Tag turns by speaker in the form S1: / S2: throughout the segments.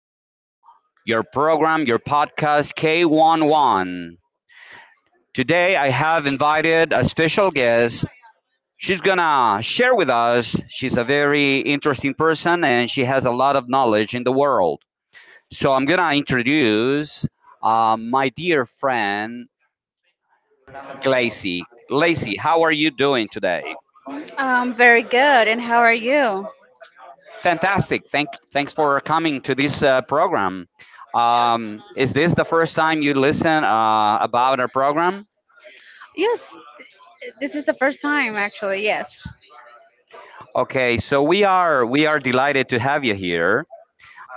S1: to your program, your podcast K11. Today I have invited a special guest. She's gonna share with us. She's a very interesting person and she has a lot of knowledge in the world. So I'm gonna introduce my dear friend Glacy. Lacey, how are you doing today?
S2: Very good. And how are you?
S1: Fantastic. Thanks for coming to this program. Is this the first time you listen about our program?
S2: Yes, this is the first time actually. Yes.
S1: Okay, so we are delighted to have you here.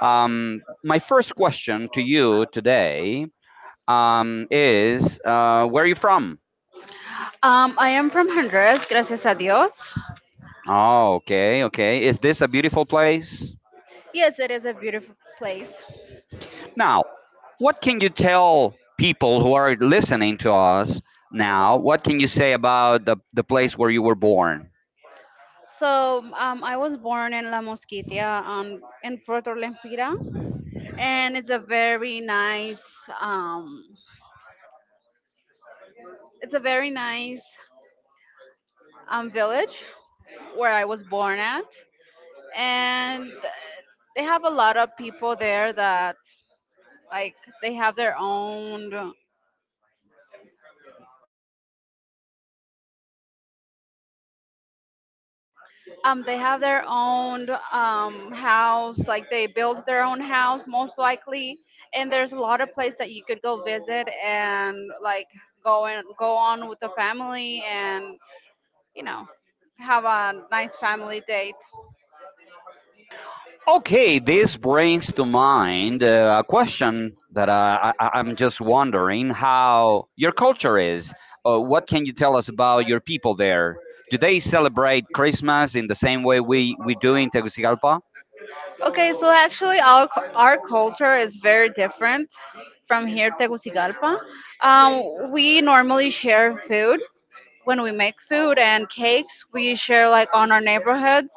S1: My first question to you today is where are you from?
S2: I am from Honduras, gracias a Dios.
S1: Oh, okay, okay. Is this a beautiful place?
S2: Yes, it is a beautiful place.
S1: Now, what can you tell people who are listening to us now? What can you say about the place where you were born?
S2: So, I was born in La Mosquitia, in Puerto Lempira, and it's a very nice, um, it's a very nice, village where I was born at, and they have a lot of people there that like they have their own. They have their own house, like they built their own house, most likely. And there's a lot of place that you could go visit and like go and go on with the family and you know have a nice family date.
S1: Okay, this brings to mind a question that I'm just wondering how your culture is. What can you tell us about your people there? Do they celebrate Christmas in the same way we do in Tegucigalpa?
S2: Okay, so actually our culture is very different from here, Tegucigalpa. Um, we normally share food when we make food and cakes. We share like on our neighborhoods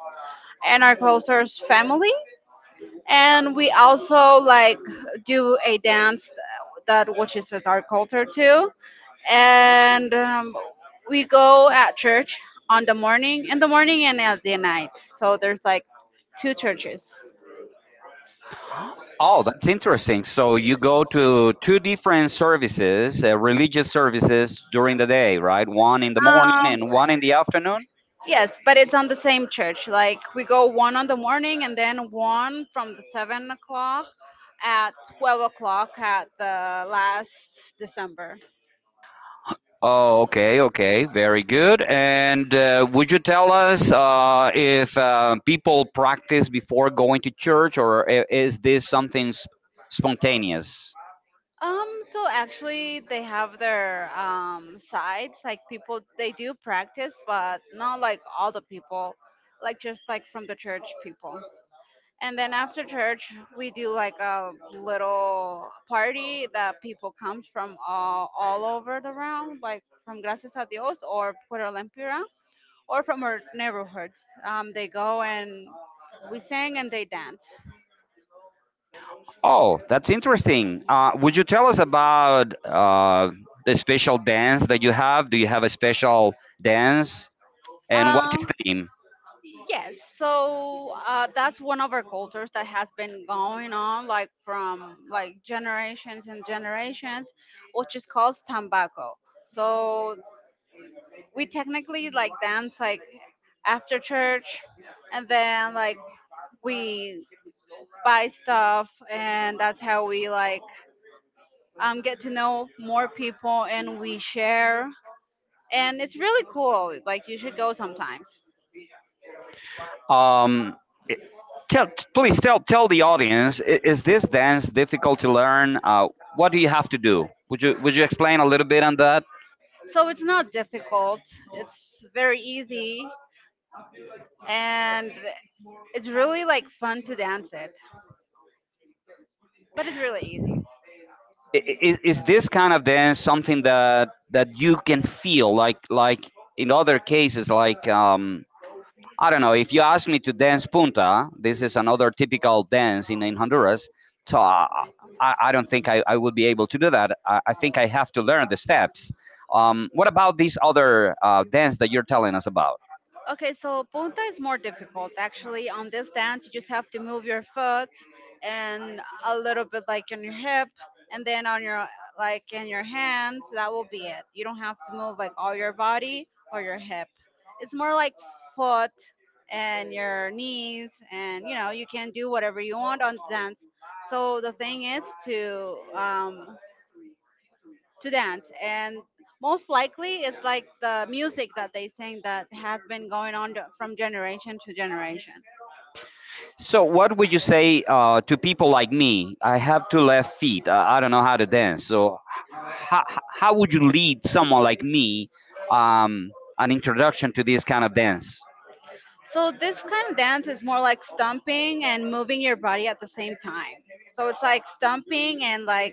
S2: and our closest family, and we also like do a dance that which is as our culture too, and we go at church on the morning in the morning and at the night, so there's like two churches.
S1: Oh, that's interesting. So you go to two different services, religious services during the day, right? One in the morning
S2: Um,
S1: and one in the afternoon.
S2: yes, but it's on the same church. Like we go one on the morning and then one from the 7 o'clock at 12 o'clock at the last december.
S1: Oh, okay, okay, very good. And would you tell us if people practice before going to church, or is this something spontaneous?
S2: So actually, they have their sites. Like people, they do practice, but not like all the people, like just like from the church people. And then after church, we do like a little party that people comes from all over the round, like from Gracias a Dios or Puerto Lempira or from our neighborhoods. They go and we sing and they dance.
S1: Oh, that's interesting. Would you tell us about the special dance that you have? Do you have a special dance, and what is
S2: Um,
S1: the name?
S2: Yes, so that's one of our cultures that has been going on like from like generations and generations, which is called tambako. So we technically like dance like after church, and then like we buy stuff, and that's how we like get to know more people and we share, and it's really cool. Like you should go sometimes.
S1: Um, it- tell, please tell the audience: Is this dance difficult to learn? What do you have to do? Would you explain a little bit on that?
S2: So it's not difficult. It's very easy and it's really like fun to dance it, but it's really easy.
S1: Is this kind of dance something that you can feel like in other cases like I don't know. If you ask me to dance punta, this is another typical dance in Honduras. So I don't think I would be able to do that. I think I have to learn the steps. What about this other dance that you're telling us about?
S2: Okay, so punta is more difficult actually. On this dance, you just have to move your foot and a little bit like on your hip, and then on your like in your hands. That will be it. You don't have to move like all your body or your hip. It's more like foot and your knees, and you know you can do whatever you want on the dance. So the thing is um, to dance, and most likely it's like the music that they sing that has been going on to- from generation to generation.
S1: So what would you say to people like me? I have two left feet. I don't know how to dance. How would you lead someone like me, um, an introduction to this kind of dance?
S2: So this kind of dance is more like stomping and moving your body at the same time, so it's like stomping and like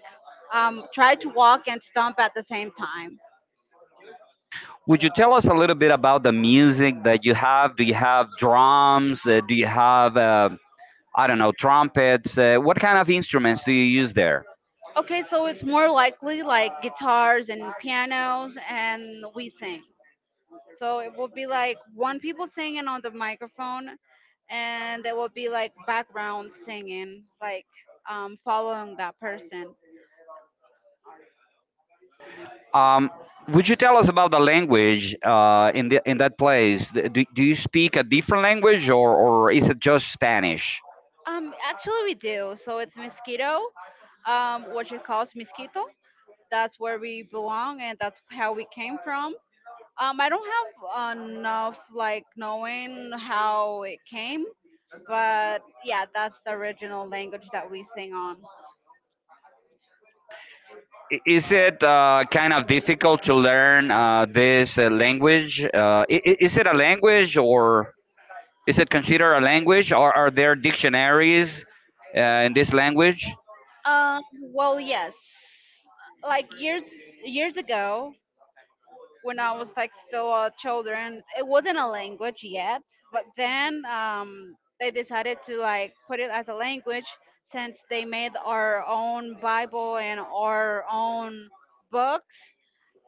S2: try to walk and stomp at the same time.
S1: Would you tell us a little bit about the music that you have? Do you have drums? Do you have, I don't know, trumpets? What kind of instruments do you use there?
S2: Okay, so it's more likely like guitars and pianos and we sing. So it will be like one people singing on the microphone, and there will be like background singing, like following that person.
S1: Um, would you tell us about the language in that place? Do you speak a different language, or is it just Spanish?
S2: Actually, we do. So it's mosquito, which it calls mosquito. That's where we belong, and that's how we came from. I don't have enough like knowing how it came, but yeah, that's the original language that we sing on.
S1: Is it kind of difficult to learn this language? Is it a language, or is it considered a language? Or are there dictionaries in this language?
S2: Um, well, yes, like years ago, when I was like still a children. It wasn't a language yet, but then they decided to like put it as a language since they made our own Bible and our own books,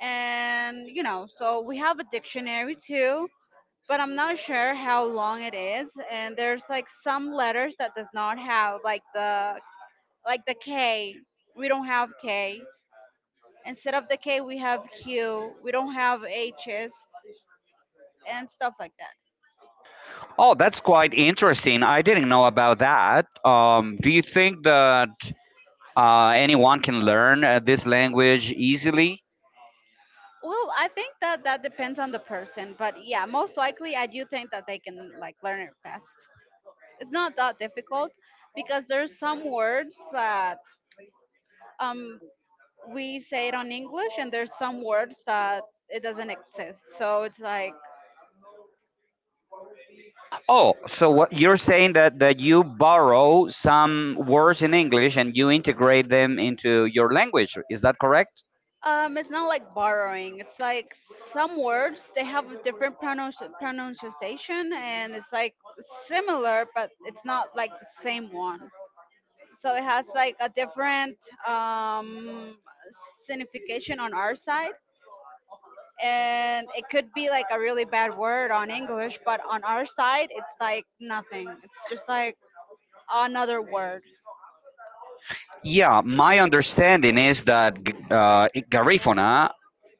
S2: and you know, so we have a dictionary too. But I'm not sure how long it is, and there's like some letters that does not have like the K. We don't have K. Instead of the K, we have Q. We don't have H's and stuff like that.
S1: Oh, that's quite interesting. I didn't know about that. Do you think that anyone can learn this language easily?
S2: Well, I think that that depends on the person, but yeah, most likely I do think that they can like learn it fast. It's not that difficult, because there's some words that um we say it on English, and there's some words that it doesn't exist. So it's like
S1: Oh, so what you're saying that, you borrow some words in English and you integrate them into your language. Is that correct?
S2: it's not like borrowing. It's like some words they have a different pronunciation, and it's like similar but it's not like the same one. So it has like a different um, signification on our side, and it could be like a really bad word on english, but on our side it's like nothing, it's just like another word.
S1: Yeah, my understanding is that Garifuna,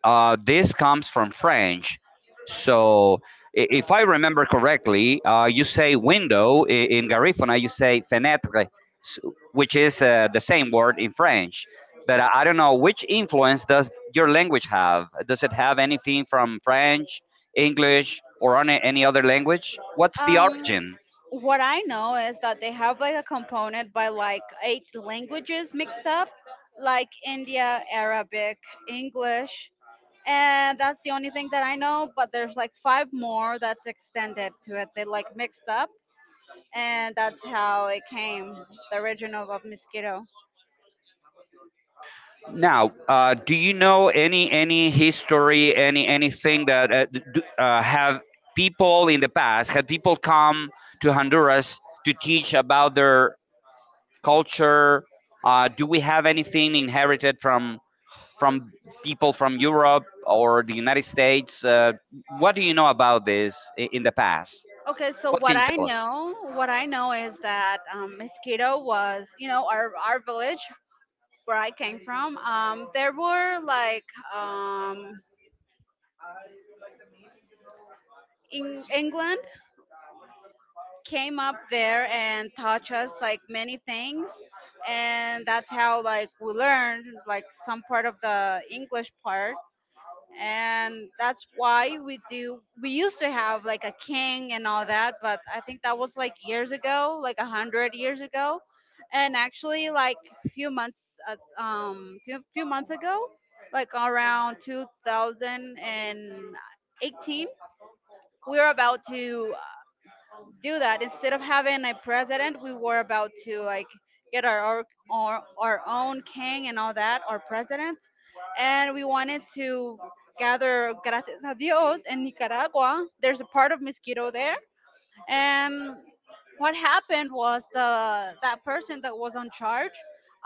S1: this comes from French. So, if I remember correctly, you say window in Garifuna, you say fenêtre, s- which is the same word in French. But I don't know, which influence does your language have? Does it have anything from French, English, or any other language? What's the
S2: Um,
S1: origin?
S2: what I know is that they have like a component by like eight languages mixed up, like india, arabic, english, and that's the only thing that I know, but there's like five more that's extended to it they like mixed up, and that's how it came, the origin of mosquito.
S1: Now, do you know any history, anything that have people in the past had people come to Honduras to teach about their culture? Do we have anything inherited from from people from Europe or the United States? What do you know about this in the past?
S2: Okay, so
S1: What can you tell us?
S2: what I know is that mosquito was, you know, our village where I came from. There were like um, in England came up there and taught us like many things, and that's how like we learned like some part of the English part, and that's why we do we used to have like a king and all that, but I think that was like years ago, like 100 years ago. And actually like a few months uh, um few months ago, like around 2018, we were about to do that. Instead of having a president, we were about to like get our own king and all that our president, and we wanted to gather gracias a Dios in Nicaragua. There's a part of Mosquito there, and what happened was the that person that was on charge,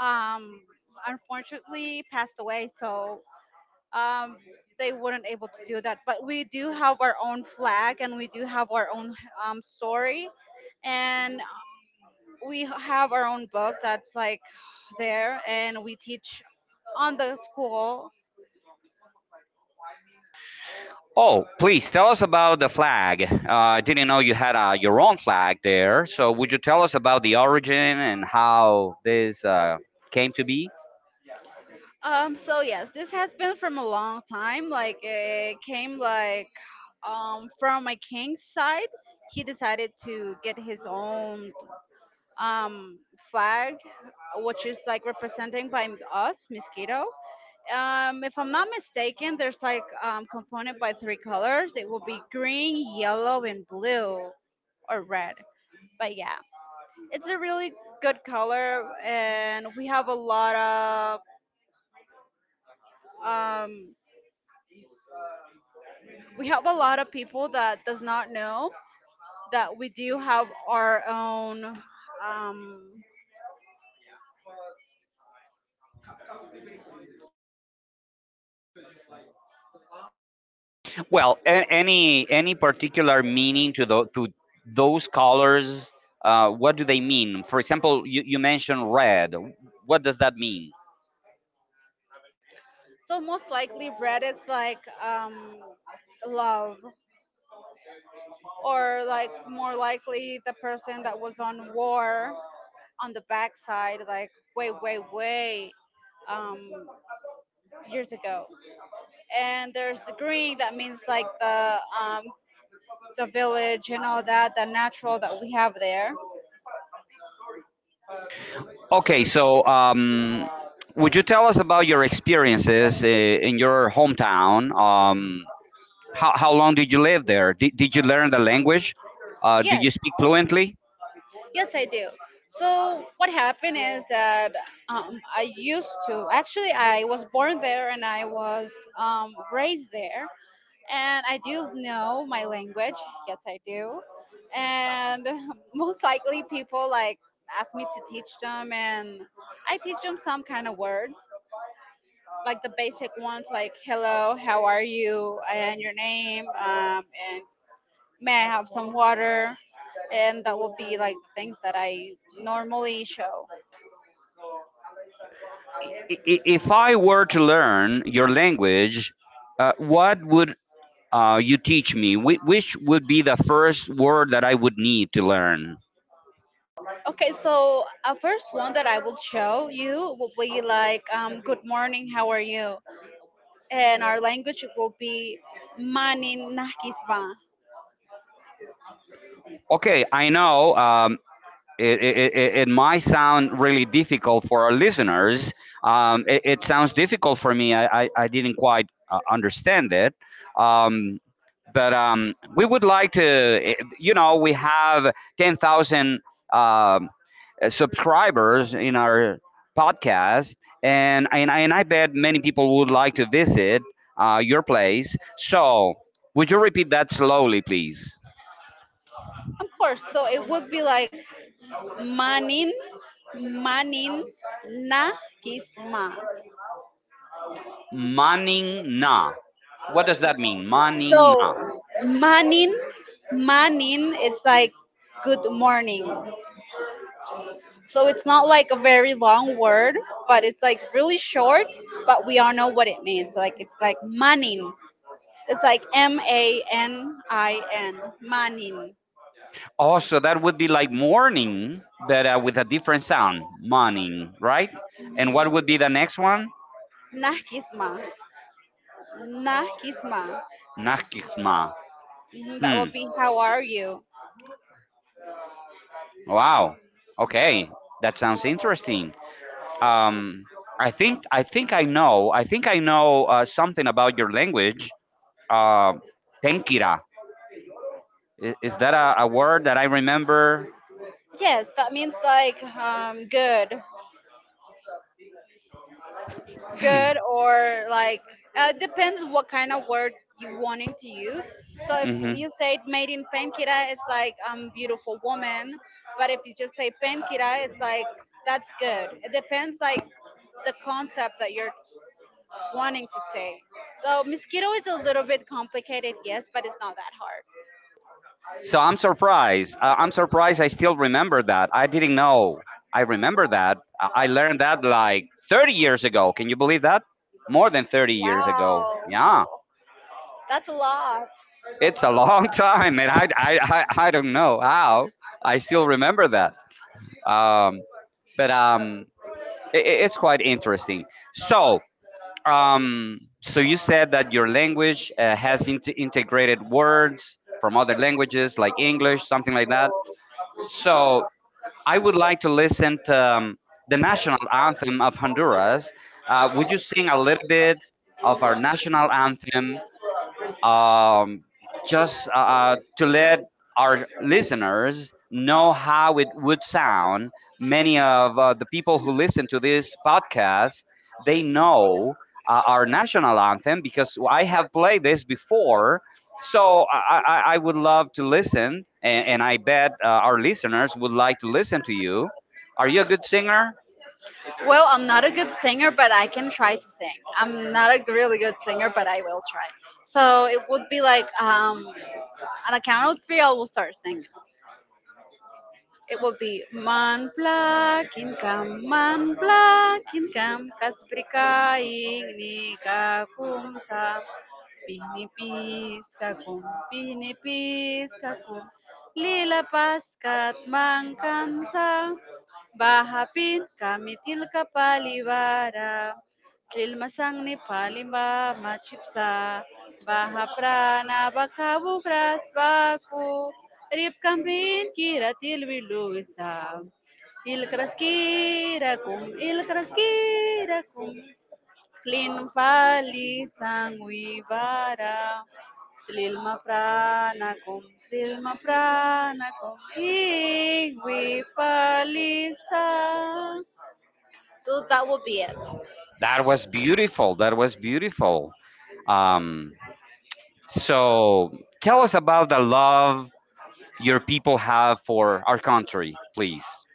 S2: um, unfortunately passed away. So. Um, they weren't able to do that, but we do have our own flag, and we do have our own story, and we have our own book that's like there, and we teach on the school.
S1: Oh, please tell us about the flag. I didn't know you had your own flag there. So, would you tell us about the origin and how this came to be?
S2: So yes, this has been from a long time. Like it came like from my king's side. He decided to get his own um flag, which is like representing by us, mosquito. If I'm not mistaken, there's like component by three colors. It will be green, yellow, and blue or red. But yeah, it's a really good color, and we have a lot of um we have a lot of people that does not know that we do have our own um.
S1: Well, any particular meaning to to those colors? What do they mean? For example, you mentioned red. What does that mean?
S2: So most likely red is like love or like more likely the person that was on war on the backside like way way way um years ago, and there's the green that means like um the village and all that the natural that we have there.
S1: Okay, so would you tell us about your experiences in your hometown? How long did you live there? Did you learn the language? Do
S2: Yes,
S1: you speak fluently?
S2: yes, I do. So what happened is that I used to actually I was born there, and I was raised there, and I do know my language. Yes, I do, and most likely people like ask me to teach them, and I teach them some kind of words, like the basic ones, like hello, how are you, and your name, and may I have some water? And that will be like things that I normally show.
S1: If I were to learn your language, what would you teach me? Which would be the first word that I would need to learn?
S2: Okay, so a first one that I will show you will be like, good morning, how are you? And our language will be manin nakisba.
S1: Okay, I know. It might sound really difficult for our listeners. It sounds difficult for me. I didn't quite understand it. Um, but we would like to, you know, we have 10,000 subscribers in our podcast, and I bet many people would like to visit your place. So, would you repeat that slowly, please?
S2: Of course, so it would be like manin, manin nakisma.
S1: Maning na. What does that mean?
S2: So
S1: Maning na.
S2: manin, manin, it's like good morning. So it's not like a very long word, but it's like really short, but we all know what it means. Like it's like manin. It's like Manin, manin.
S1: Also, that would be like morning, but with a different sound. Maning, right? And what would be
S2: Mhm.
S1: the next one?
S2: Nakisma. Nakisma.
S1: Nakikma.
S2: Mhm, that will
S1: Hmm.
S2: be how are you?
S1: Wow. Okay. That sounds interesting. Um, I think I know. I think I know something about your language. Uh, Tenkira. Is that a word that I remember?
S2: Yes, that means like good. Good or like depends what kind of word you wanting to use. So if
S1: Mm-hmm.
S2: you say made in pankira it's like beautiful woman, but if you just say pankira it's like that's good. It depends like the concept that you're wanting to say. So mosquito is a little bit complicated, yes, but it's not that hard.
S1: So I'm surprised. I'm surprised I still remember that. I didn't know. I remember that. I learned that like 30 years ago. Can you believe that? More than 30 years ago.
S2: Wow,
S1: Yeah.
S2: that's a lot.
S1: It's a long time, and I don't know how. I still remember that. Um, but I It's quite interesting. So, you said that your language has integrated words from other languages like English, something like that. So, I would like to listen to, the national anthem of Honduras. Would you sing a little bit of our national anthem, um, just to let our listeners know how it would sound. Many of the people who listen to this podcast, they know our national anthem because I have played this before. I would love to listen, and I bet our listeners would like to listen to you. Are you a good singer?
S2: Well, I'm not a good singer, but I can try to sing. I'm not a really good singer, but I will try. So it would be like on a count of three, I will start singing. It would be man plakin kam, kas prikain ni kakum sa, pinipis kakum, pinipis kakum, lilapas kat mangkansa, bahapin kami tilka palibara, silmasang ni palimba machipsa, bahaprana bakabu gras baku, rip kambin kira tilwiluisa. Il kraskira kum, Klinpalisang Wibara, Slilma pranakum, Slilma pranakum, Igwipalisa. So that will be it.
S1: That was beautiful, that was beautiful. Um, so tell us about the love your people have for our country, please.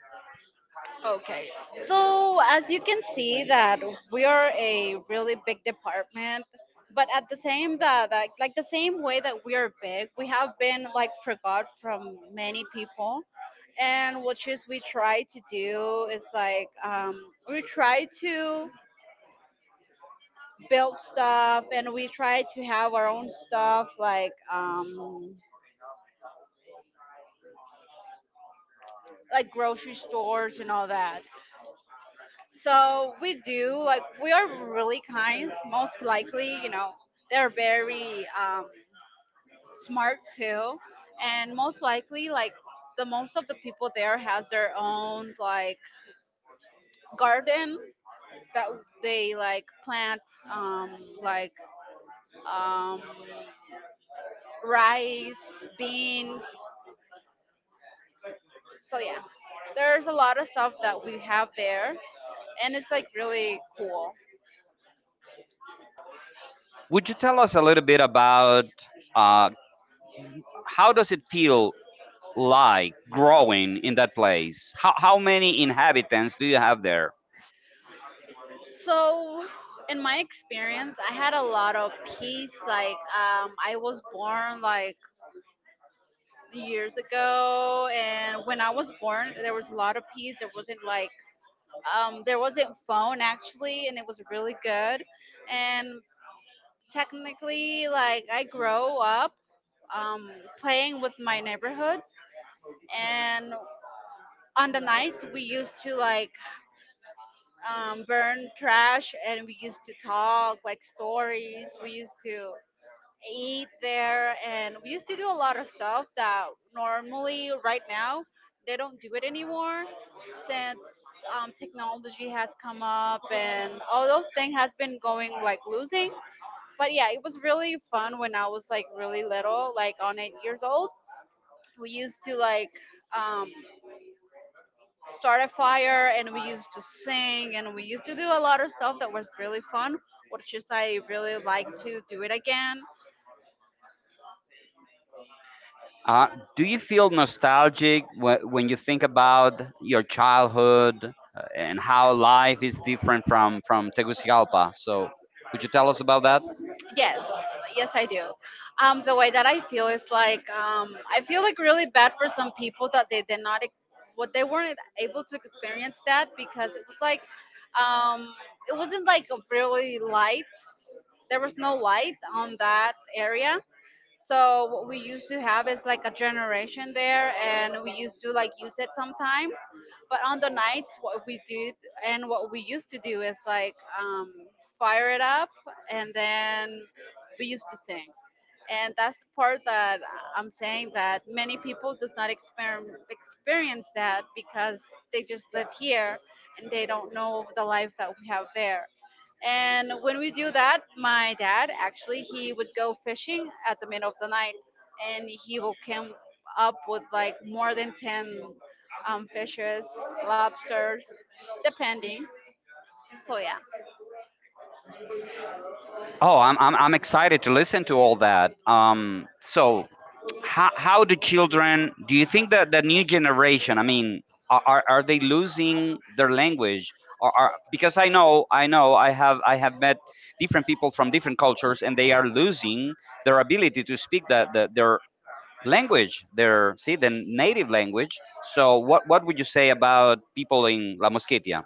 S2: Okay. So as you can see that we are a really big department, but at the same that like the same way that we are big, we have been like forgot from many people. And what just we try to do is we try to build stuff, and we try to have our own stuff like grocery stores and all that. So we do like we are really kind, most likely, you know, they're very smart too. And most likely like the most of the people there has their own like garden that they like plant um like um, rice, beans. So yeah, there's a lot of stuff that we have there, and it's like really cool.
S1: Would you tell us a little bit about uh, how does it feel like growing in that place? How many inhabitants do you have there?
S2: So in my experience, I had a lot of peace. Like I was born like years ago, and when I was born there was a lot of peace. There wasn't like there wasn't phone actually, and it was really good. And technically like I grow up um, playing with my neighborhood. And on the nights we used to like burn trash, and we used to talk like stories, we used to eat there, and we used to do a lot of stuff that normally right now they don't do it anymore since technology has come up, and all those things has been going like losing. But yeah, it was really fun when I was like really little, like on 8 years old. We used to like um, start a fire, and we used to sing, and we used to do a lot of stuff that was really fun, which is I really like to do it again.
S1: Uh, do you feel nostalgic when you think about your childhood and how life is different from Tegucigalpa? So, would you tell us about that?
S2: Yes, yes I do. The way that I feel is like I feel like really bad for some people that they did not ex- what they weren't able to experience that, because it was like um, it wasn't like a really light, there was no light on that area. So what we used to have is like a generation there, and we used to like use it sometimes. But on the nights, what we did and what we used to do is fire it up, and then we used to sing. And that's the part that I'm saying that many people does not exper- experience that because they just live here and they don't know the life that we have there. And when we do that, my dad actually he would go fishing at the middle of the night, and he will come up with like more than ten fishes, lobsters, depending. So yeah.
S1: Oh, I'm excited to listen to all that. How do children, do you think that the new generation, I mean, are they losing their language? Or are, because I know, I have met different people from different cultures and they are losing their ability to speak their language, their, see, the native language. So, what would you say about people in La Mosquitia?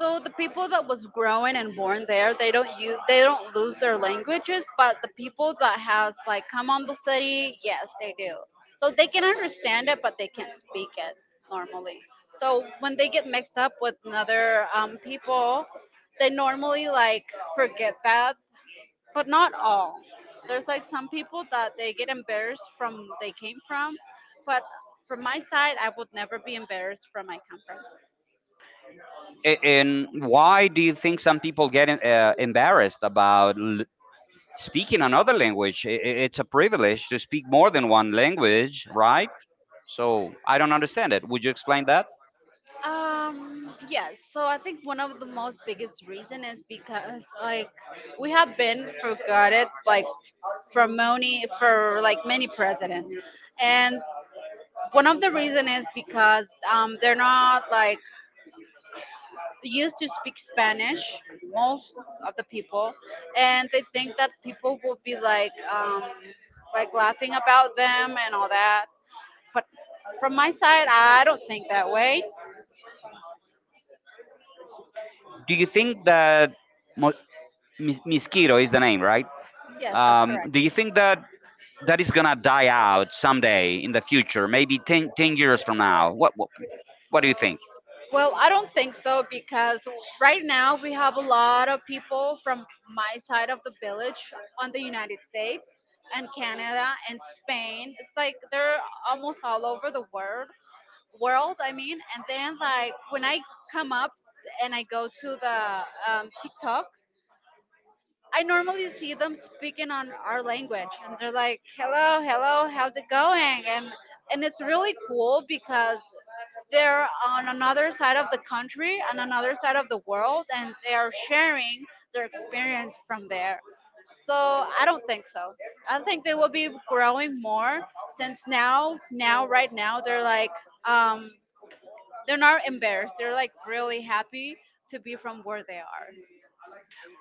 S2: So the people that was growing and born there, they don't use, they don't lose their languages, but the people that has like come on the city, yes, they do. So they can understand it, but they can't speak it normally. So when they get mixed up with another people, they normally like forget that, but not all. There's like some people that they get embarrassed from they came from, but from my side, I would never be embarrassed from my country.
S1: And why do you think some people get embarrassed about speaking another language? It's a privilege to speak more than one language, right? So I don't understand it. Would you explain that?
S2: Um, yes. So I think one of the most biggest reason is because like we have been forgotten like from many for like many presidents, and one of the reason is because they're not like used to speak Spanish, most of the people, and they think that people will be like laughing about them and all that. But from my side, I don't think that way.
S1: Do you think that Mo- Mosquito is the name, right?
S2: Yes, that's correct.
S1: Do you think that is gonna die out someday in the future, maybe 10 10 years from now? What do you think?
S2: Well, I don't think so because right now we have a lot of people from my side of the village on the United States and Canada and Spain. It's like they're almost all over the world, world I mean. And then like when I come up and I go to the TikTok, I normally see them speaking on our language, and they're like, "Hello, hello, how's it going?" And it's really cool because they're on another side of the country and another side of the world, and they are sharing their experience from there. So I don't think so. I think they will be growing more since now right now they're like um they're not embarrassed, they're like really happy to be from where they are.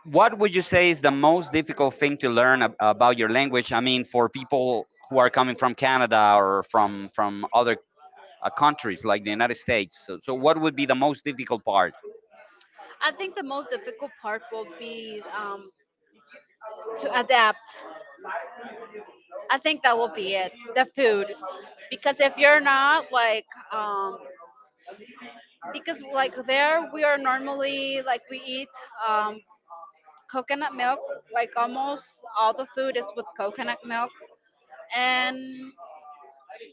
S1: What would you say is the most difficult thing to learn about your language? I mean, for people who are coming from Canada or from other countries like the United States. So what would be the most difficult part?
S2: I think the most difficult part will be to adapt. I think that will be it, the food, because if you're not like because like there we are normally like we eat um, coconut milk, like almost all the food is with coconut milk. And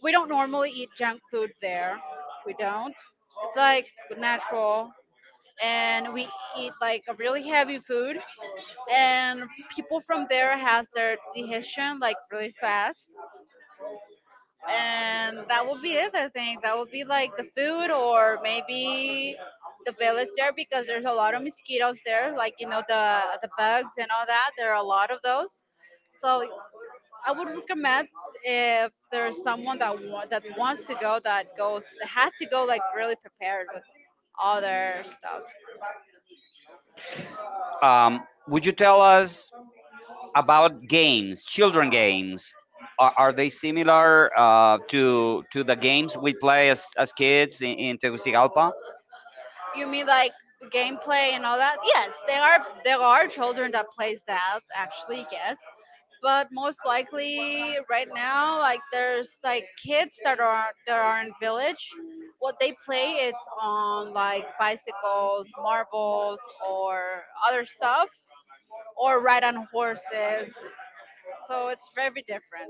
S2: we don't normally eat junk food there, we don't, it's like natural. And we eat like a really heavy food, and people from there has their digestion like really fast. And that would be it, I think that would be like the food, or maybe the village there, because there's a lot of mosquitoes there, like you know the bugs and all that, there are a lot of those. So I would recommend if there's someone that wa- that wants to go, that goes, that has to go like really prepared with all their stuff.
S1: Would you tell us about games, children games? Are they similar to the games we play as kids in Tegucigalpa?
S2: You mean like gameplay and all that? Yes, there are, there are children that plays that, actually, yes. But most likely right now like there's like kids that are in village, what they play it's on like bicycles, marbles, or other stuff, or ride on horses, so it's very different.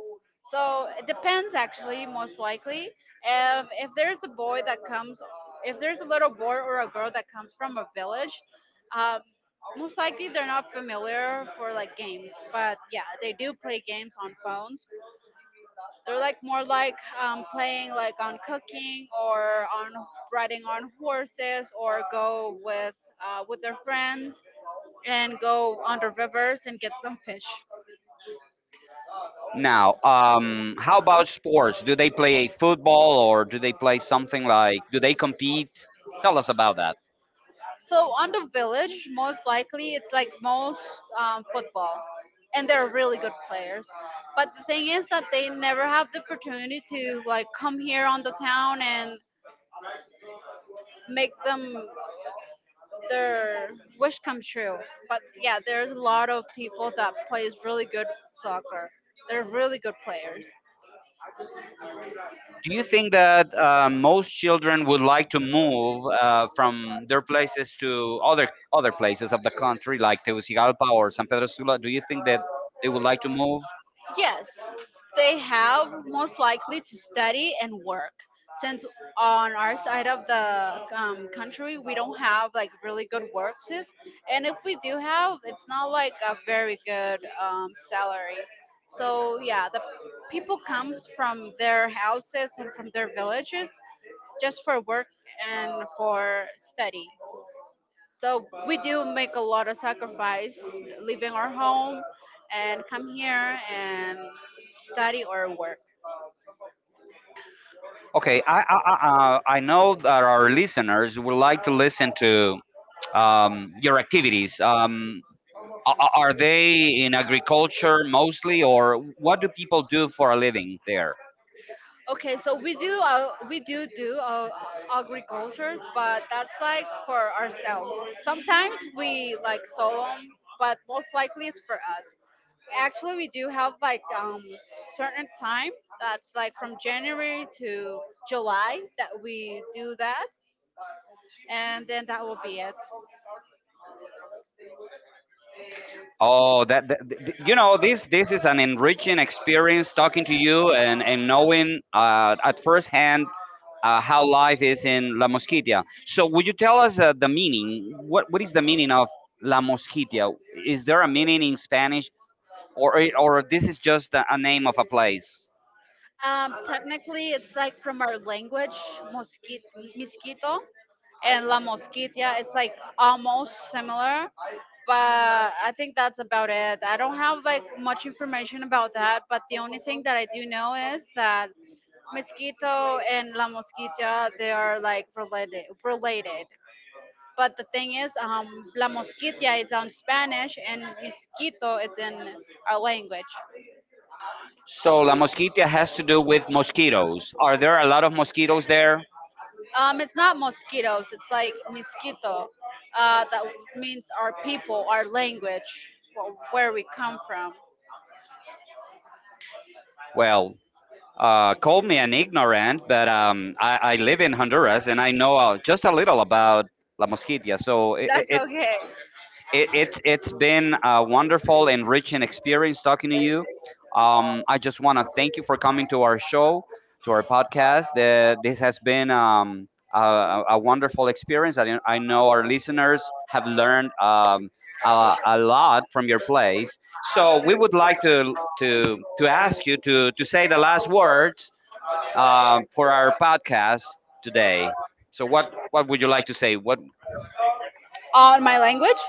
S2: So it depends actually, most likely, if there's a boy that comes, if there's a little boy or a girl that comes from a village, um, most likely they're not familiar for like games, but yeah, they do play games on phones. They're like more like playing like on cooking or on riding on horses or go with their friends and go on the rivers and get some fish.
S1: Now, how about sports? Do they play football or do they play something like? Do they compete? Tell us about that.
S2: So on the village, most likely it's like most football, and they're really good players. But the thing is that they never have the opportunity to like come here on the town and make them their wish come true. But yeah, there's a lot of people that plays really good soccer. They're really good players.
S1: Do you think that most children would like to move from their places to other other places of the country, like Tegucigalpa or San Pedro Sula? Do you think that they would like to move?
S2: Yes, they have most likely to study and work. Since on our side of the country, we don't have like really good works, and if we do have, it's not like a very good salary. So yeah, the people comes from their houses and from their villages just for work and for study. So we do make a lot of sacrifice leaving our home and come here and study or work.
S1: Okay, I know that our listeners would like to listen to, your activities. Are they in agriculture mostly, or what do people do for a living there?
S2: Okay, so we do do agricultures, but that's like for ourselves. Sometimes we like sell 'em, but most likely it's for us. Actually, we do have like certain time that's like from January to July that we do that, and then that will be it.
S1: Oh, you know, this is an enriching experience talking to you, and knowing at first hand how life is in La Mosquitia. So, would you tell us the meaning? What is the meaning of La Mosquitia? Is there a meaning in Spanish, or this is just a name of a place?
S2: Technically, it's like from our language, mosquito, mosquito, and la mosquitia. It's like almost similar, but I think that's about it. I don't have like much information about that, but the only thing that I do know is that mosquito and la mosquitia they are like related. Related. But the thing is, la mosquitia is on Spanish and mosquito is in our language.
S1: So, La Mosquitia has to do with mosquitoes. Are there a lot of mosquitoes there?
S2: It's not mosquitoes. It's like mosquito. That means our people, our language, wh- where we come from.
S1: Well, call me an ignorant, but I live in Honduras and I know just a little about La Mosquitia. So
S2: That's okay.
S1: it's been a wonderful, enriching experience talking to you. I just want to thank you for coming to our show, to our podcast. This has been a wonderful experience. I know our listeners have learned a lot from your place. So we would like to ask you to say the last words for our podcast today. So, what would you like to say? What
S2: On my language.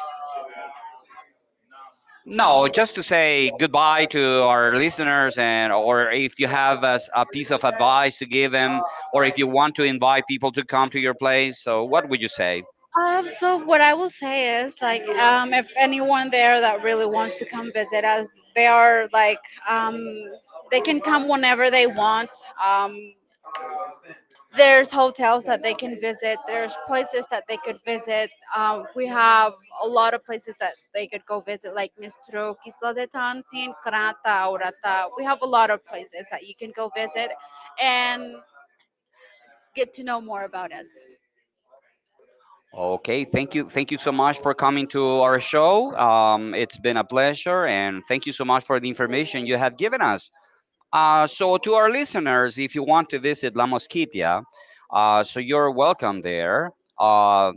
S1: no, just to say goodbye to our listeners, and or if you have a, a piece of advice to give them, or if you want to invite people to come to your place. So, what would you say?
S2: So what I will say is like if anyone there that really wants to come visit us, they are like um, they can come whenever they want. Um, There's hotels that they can visit. There's places that they could visit. We have a lot of places that they could go visit, like Mistro, Isla de Tansin, Krata, Urata. We have a lot of places that you can go visit and get to know more about us.
S1: Okay, thank you so much for coming to our show. It's been a pleasure, and thank you so much for the information you have given us. So, to our listeners, if you want to visit La Mosquitia, so you're welcome there. Uh,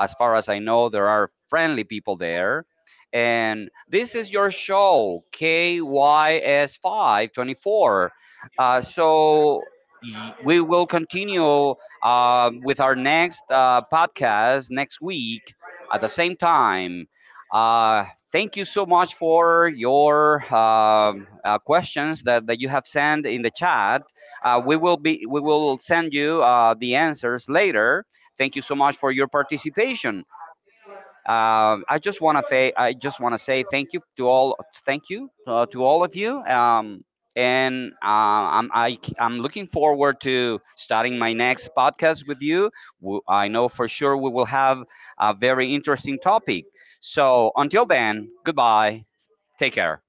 S1: as far as I know, there are friendly people there. And this is your show, KYS524. So we will continue with our next podcast next week at the same time. Uh, thank you so much for your questions that you have sent in the chat. We will send you the answers later. Thank you so much for your participation. I just want to say thank you to all, thank you to all of you. And I'm I, c- I'm looking forward to starting my next podcast with you. I know for sure we will have a very interesting topic. So until then, goodbye. Take care.